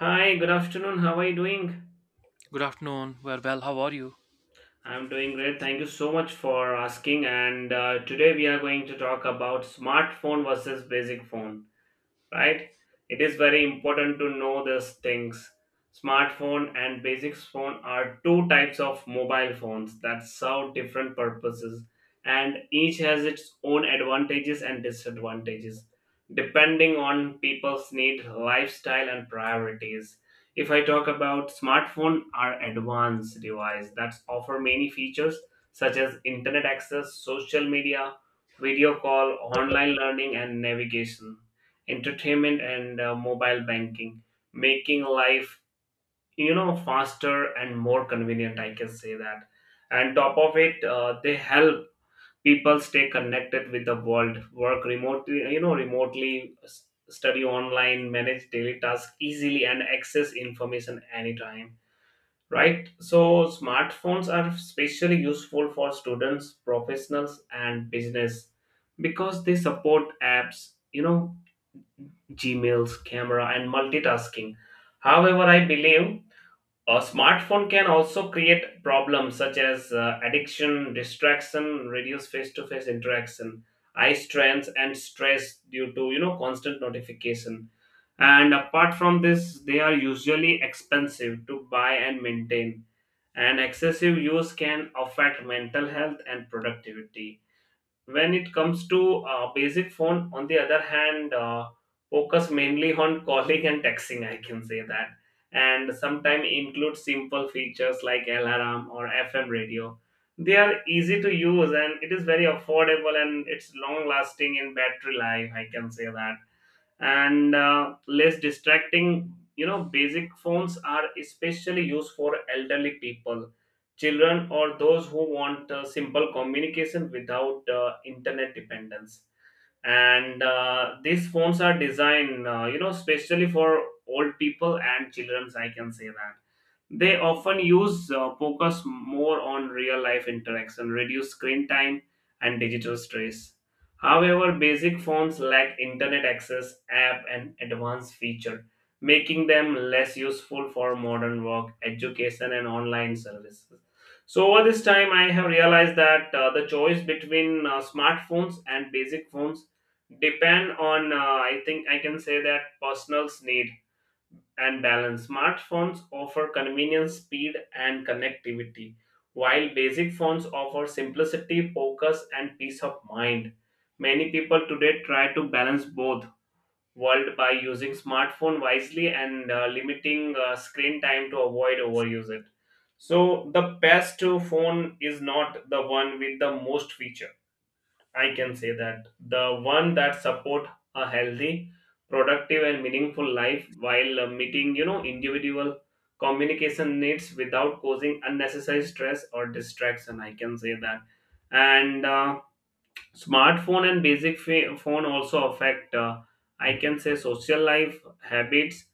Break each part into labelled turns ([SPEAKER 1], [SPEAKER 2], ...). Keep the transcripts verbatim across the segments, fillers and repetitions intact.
[SPEAKER 1] Hi, good afternoon. How are you doing?
[SPEAKER 2] Good afternoon. We're well. How are you?
[SPEAKER 1] I'm doing great. Thank you so much for asking. And uh, Today we are going to talk about smartphone versus basic phone, right? It is very important to know these things. Smartphone and basic phone are two types of mobile phones that serve different purposes, and each has its own advantages and disadvantages, depending on people's need, lifestyle, and priorities. If I talk about smartphone, are advanced device that offer many features such as internet access, social media, video call, online learning, and navigation entertainment and uh, mobile banking, making life you know faster and more convenient, I can say that. And top of it, uh, they help people stay connected with the world, work remotely, you know remotely s- study online, manage daily tasks easily, and access information anytime, right? So smartphones are especially useful for students, professionals, and business, because they support apps, you know Gmails, camera, and multitasking. However, I believe a smartphone can also create problems such as uh, addiction, distraction, reduced face-to-face interaction, eye strains, and stress due to you know constant notification. And apart from this, they are usually expensive to buy and maintain, and excessive use can affect mental health and productivity. When it comes to uh, basic phone, on the other hand, uh, focus mainly on calling and texting, I can say that. And sometimes include simple features like alarm or F M radio. They are easy to use and it is very affordable and it's long lasting in battery life, I can say that. And uh, Less distracting, you know basic phones are especially used for elderly people, children, or those who want uh, simple communication without uh, internet dependence. And uh, These phones are designed uh, you know especially for old people and childrens, I can say that. They often use uh, focus more on real life interaction, reduce screen time and digital stress. However, basic phones lack internet access, app, and advanced feature, making them less useful for modern work, education, and online services. So over this time I have realized that uh, the choice between uh, smartphones and basic phones depend on, uh, i think I can say that, personals need and balance. Smartphones offer convenience, speed, and connectivity, while basic phones offer simplicity, focus, and peace of mind. Many people today try to balance both world by using smartphone wisely and uh, limiting uh, screen time to avoid overuse it. So the best phone is not the one with the most feature, I can say that, the one that support a healthy, productive, and meaningful life while uh, meeting, you know, individual communication needs without causing unnecessary stress or distraction, I can say that. And uh, Smartphone and basic fa- phone also affect. Uh, I can say social life habits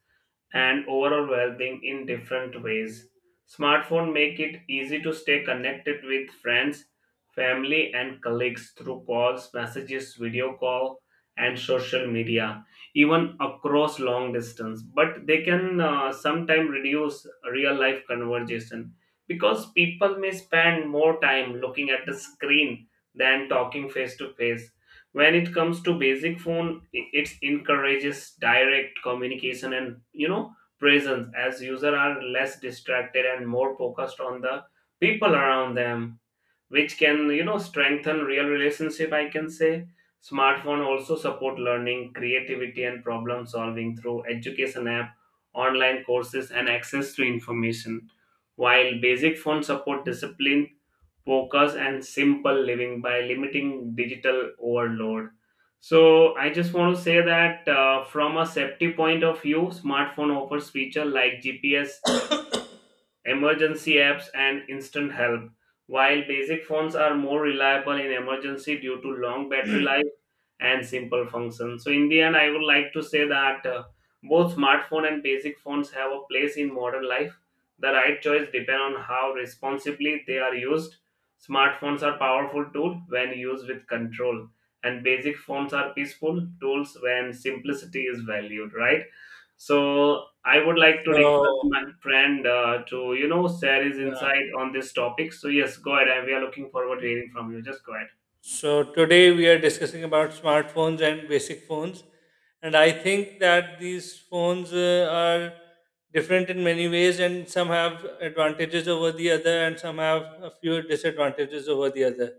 [SPEAKER 1] and overall well-being in different ways. Smartphone make it easy to stay connected with friends, family, and colleagues through calls, messages, video call, and social media, even across long distance. But they can uh, sometimes reduce real life conversation, because people may spend more time looking at the screen than talking face to face. When it comes to basic phone, i- it encourages direct communication and, you know presence, as users are less distracted and more focused on the people around them, which can, you know strengthen real relationship, I can say. Smartphone also support learning, creativity, and problem solving through education app, online courses, and access to information, while basic phone support discipline, focus, and simple living by limiting digital overload. So I just want to say that, uh, from a safety point of view, smartphone offers feature like GPS, emergency apps, and instant help. While basic phones are more reliable in emergency due to long battery life and simple functions. So, in the end, I would like to say that uh, both smartphone and basic phones have a place in modern life. The right choice depends on how responsibly they are used. Smartphones are powerful tool when used with control, and basic phones are peaceful tools when simplicity is valued, right? So I would like to request
[SPEAKER 3] So,
[SPEAKER 1] my friend uh, to, you know share his
[SPEAKER 3] yeah.
[SPEAKER 1] insight on this topic. So yes, go ahead. And we are looking forward to hearing from you. Just go ahead.
[SPEAKER 3] So today we are discussing about smartphones and basic phones, and I think that these phones uh, are different in many ways, and some have advantages over the other, and some have a few disadvantages over the other.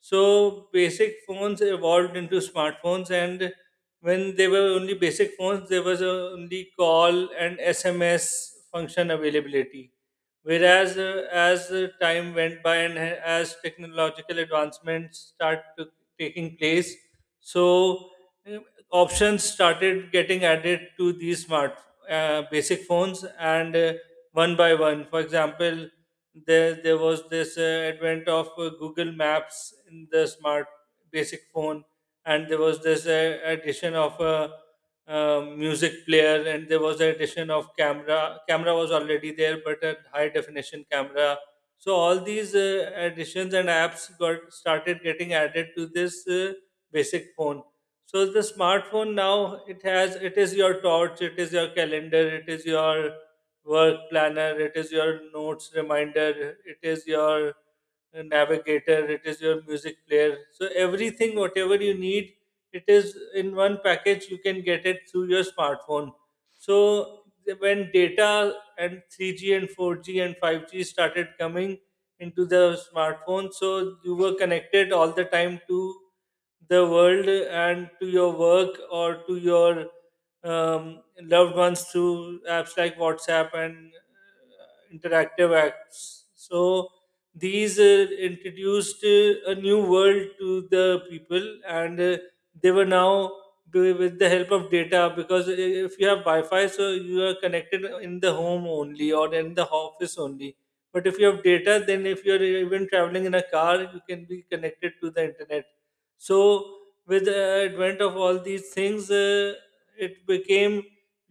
[SPEAKER 3] So basic phones evolved into smartphones, and when they were only basic phones, there was uh, only call and S M S function availability. Whereas, uh, as the time went by and ha- as technological advancements start to, taking place, so uh, options started getting added to these smart uh, basic phones and uh, one by one. For example, there there was this uh, advent of uh, Google Maps in the smart basic phone, and there was this uh, addition of a uh, music player, and there was the addition of camera. Camera was already there, but a high definition camera. So all these uh, additions and apps got started getting added to this uh, basic phone. So the smartphone now, it has, it is your torch, it is your calendar, it is your work planner, it is your notes reminder, it is your navigator, it is your music player. So everything whatever you need, it is in one package, you can get it through your smartphone. So when data and three G and four G and five G started coming into the smartphone, so you were connected all the time to the world and to your work or to your um, loved ones through apps like WhatsApp and uh, interactive apps. So these uh, introduced uh, a new world to the people, and uh, they were now do- with the help of data, because if you have Wi-Fi, so you are connected in the home only or in the office only. But if you have data, then if you are even traveling in a car, you can be connected to the internet. So with the advent of all these things uh, it became,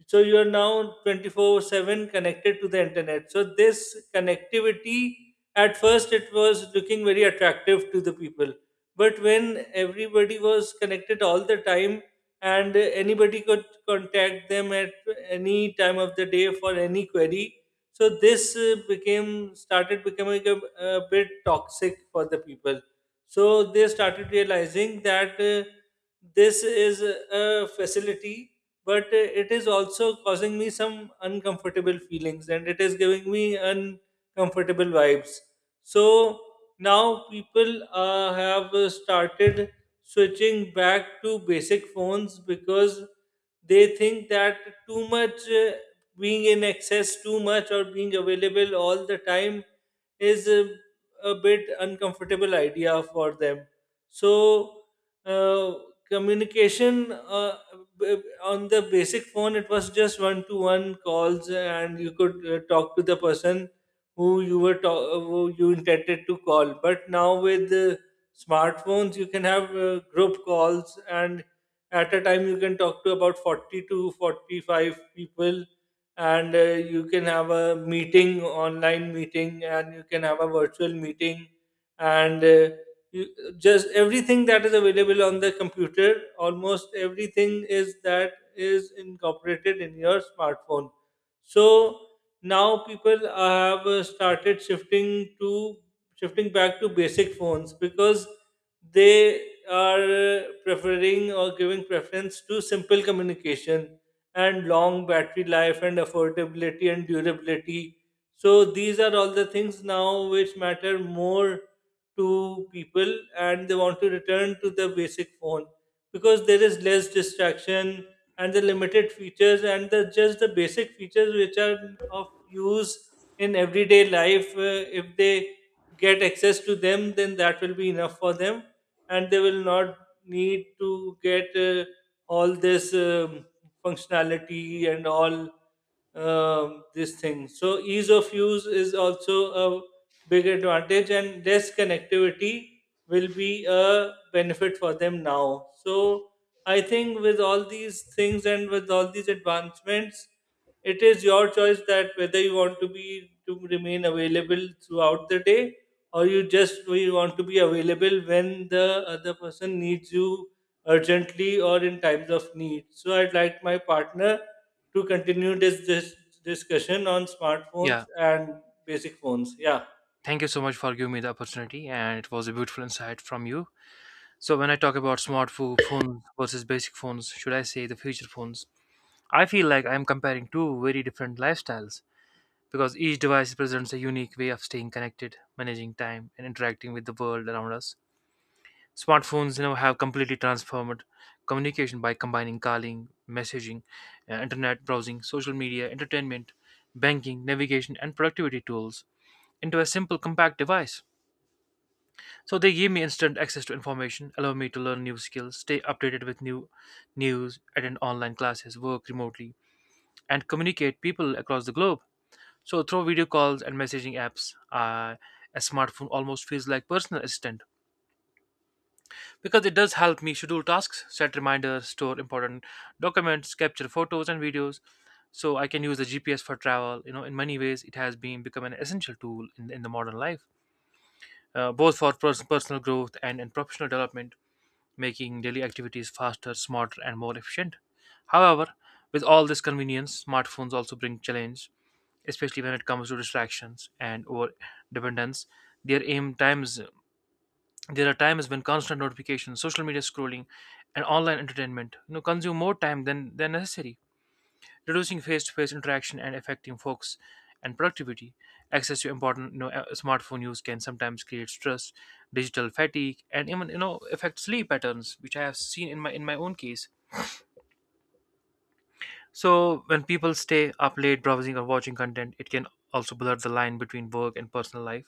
[SPEAKER 3] so you are now twenty four seven connected to the internet. So this connectivity, at first it was looking very attractive to the people, but when everybody was connected all the time and anybody could contact them at any time of the day for any query, so this uh, became started becoming a, a bit toxic for the people. So they started realizing that uh, this is a facility, but uh, it is also causing me some uncomfortable feelings and it is giving me uncomfortable vibes. So now people uh, have uh, started switching back to basic phones because they think that too much uh, being in excess too much or being available all the time is uh, a bit uncomfortable idea for them. So uh, communication uh, b- on the basic phone, it was just one to one calls, and you could uh, talk to the person who you were ta- uh, who you intended to call. But now with the smartphones, you can have uh, group calls, and at a time you can talk to about forty to forty-five people, and uh, you can have a meeting, online meeting, and you can have a virtual meeting, and uh, you, just everything that is available on the computer, almost everything is that is incorporated in your smartphone. So now people have uh, started shifting to shifting back to basic phones because they are uh, preferring or giving preference to simple communication and long battery life and affordability and durability. So these are all the things now which matter more to people, and they want to return to the basic phone because there is less distraction and the limited features and the just the basic features which are of use in everyday life. Uh, if they get access to them, then that will be enough for them and they will not need to get uh, all this um, functionality and all um, this thing. So ease of use is also a big advantage, and less connectivity will be a benefit for them now. So I think with all these things and with all these advancements, it is your choice that whether you want to be to remain available throughout the day or you just you want to be available when the other person needs you urgently or in times of need. So I'd like my partner to continue this, this discussion on smartphones
[SPEAKER 2] Yeah.
[SPEAKER 3] and basic phones. Yeah.
[SPEAKER 2] Thank you so much for giving me the opportunity, and it was a beautiful insight from you. So, when I talk about smart pho- phones versus basic phones, should I say the future phones? I feel like I'm comparing two very different lifestyles because each device presents a unique way of staying connected, managing time, and interacting with the world around us. Smartphones, you know, have completely transformed communication by combining calling, messaging, uh, internet browsing, social media, entertainment, banking, navigation, and productivity tools into a simple compact device. So they give me instant access to information, allow me to learn new skills, stay updated with new news, attend online classes, work remotely, and communicate people across the globe. So through video calls and messaging apps, uh, a smartphone almost feels like personal assistant because it does help me schedule tasks, set reminders, store important documents, capture photos and videos. So I can use the G P S for travel. You know, in many ways, it has been become an essential tool in, in the modern life, uh, both for pers- personal growth and, and professional development, making daily activities faster, smarter, and more efficient. However, with all this convenience, smartphones also bring challenge, especially when it comes to distractions and over dependence. There aim times there are times when constant notifications, social media scrolling, and online entertainment you know consume more time than than necessary, reducing face-to-face interaction and affecting focus and productivity. Access to important you know, uh, smartphone use can sometimes create stress, digital fatigue, and even you know affect sleep patterns, which I have seen in my in my own case. So when people stay up late browsing or watching content, it can also blur the line between work and personal life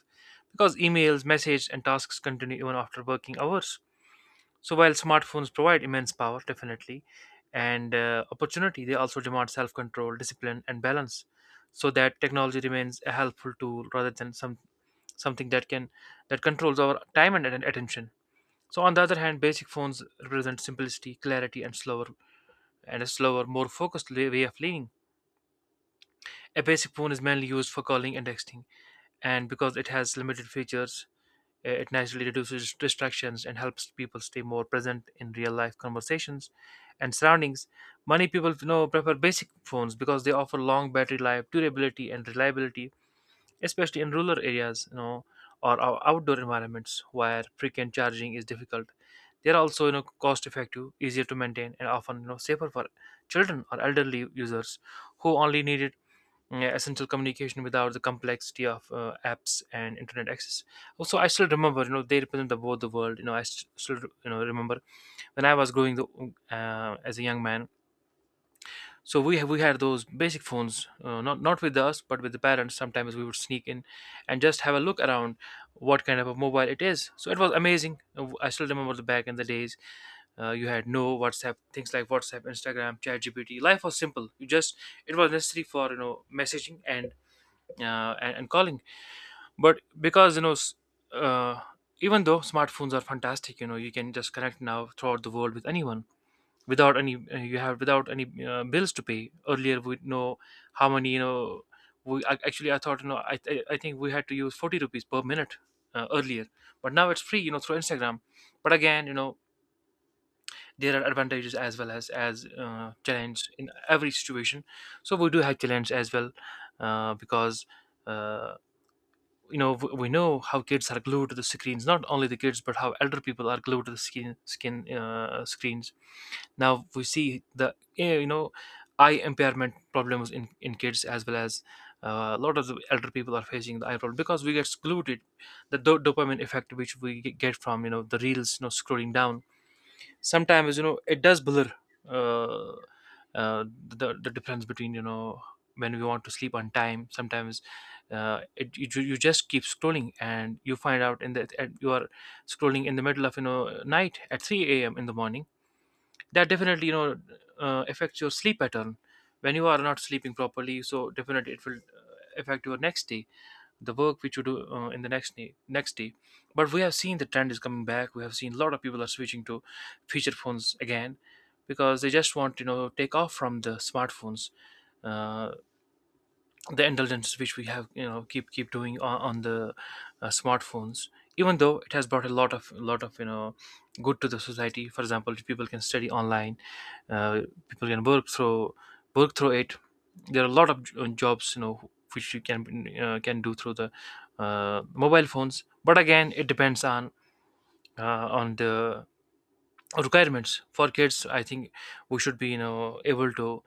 [SPEAKER 2] because emails, messages, and tasks continue even after working hours. So while smartphones provide immense power, definitely, and uh, opportunity, they also demand self-control, discipline, and balance, so that technology remains a helpful tool rather than some something that can that controls our time and atten- attention. So on the other hand, basic phones represent simplicity, clarity, and slower and a slower, more focused la- way of living. A basic phone is mainly used for calling and texting, and because it has limited features, uh, It naturally reduces distractions and helps people stay more present in real life conversations and surroundings. Many people you know prefer basic phones because they offer long battery life, durability, and reliability, especially in rural areas, you know, or ou- outdoor environments where frequent charging is difficult. They are also you know cost effective, easier to maintain, and often you know safer for children or elderly users who only need it. Mm, yeah, essential communication without the complexity of uh, apps and internet access. Also, I still remember, you know, they represent the both the world. You know, I st- still, you know, remember when I was growing the, uh, as a young man. So we ha- we had those basic phones, uh, not not with us, but with the parents. Sometimes we would sneak in and just have a look around what kind of a mobile it is. So it was amazing. Uh, I still remember the back in the days, uh, you had no whatsapp, things like whatsapp, instagram, ChatGPT. Life was simple, you just, it was necessary for you know messaging and uh, and, and calling, but because you know s- uh, even though smartphones are fantastic, you know you can just connect now throughout the world with anyone without any uh, you have without any uh, bills to pay earlier, we know how many you know, we ac- actually I thought you know i, I, I think we had to use forty rupees per minute, uh, earlier, but now it's free you know through instagram. But again you know, there are advantages as well as as uh, challenge in every situation. So we do have challenge as well, uh, because uh, you know, w- we know how kids are glued to the screens, not only the kids but how elder people are glued to the skin skin uh, screens. Now we see the eh, you know eye impairment problems in in kids as well as, uh, a lot of the elder people are facing the eye problem because we get glued the do- dopamine effect which we g- get from you know the reels you know scrolling down. Sometimes you know it does blur uh, uh, the the difference between you know, when we want to sleep on time sometimes, uh, it, you, ju- you just keep scrolling and you find out in the at- you are scrolling in the middle of you know night at three a m in the morning. That definitely you know, uh, affects your sleep pattern. When you are not sleeping properly, so definitely it will uh, affect your next day, the work which you do uh, in the next ne- next day. But we have seen the trend is coming back, we have seen a lot of people are switching to feature phones again because they just want to you know take off from the smartphones, uh, the indulgences which we have you know keep keep doing on, on the uh, smartphones. Even though it has brought a lot of lot of you know good to the society, for example people can study online, uh, people can work through work through it. There are a lot of j- uh, jobs you know which you can uh, can do through the uh, mobile phones. But again it depends on uh, on the requirements. For kids I think we should be you know able to,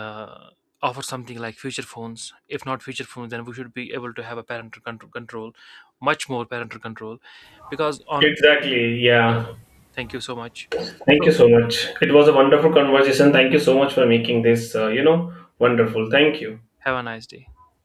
[SPEAKER 2] uh, offer something like future phones. If not future phones, then we should be able to have a parental control, control, much more parental control, because on.
[SPEAKER 1] Exactly. Yeah.
[SPEAKER 2] Thank you so much.
[SPEAKER 1] Thank you
[SPEAKER 2] So
[SPEAKER 1] so much. It was a wonderful conversation. Thank you so much for making this, uh, you know, wonderful. Thank you.
[SPEAKER 2] have a nice day.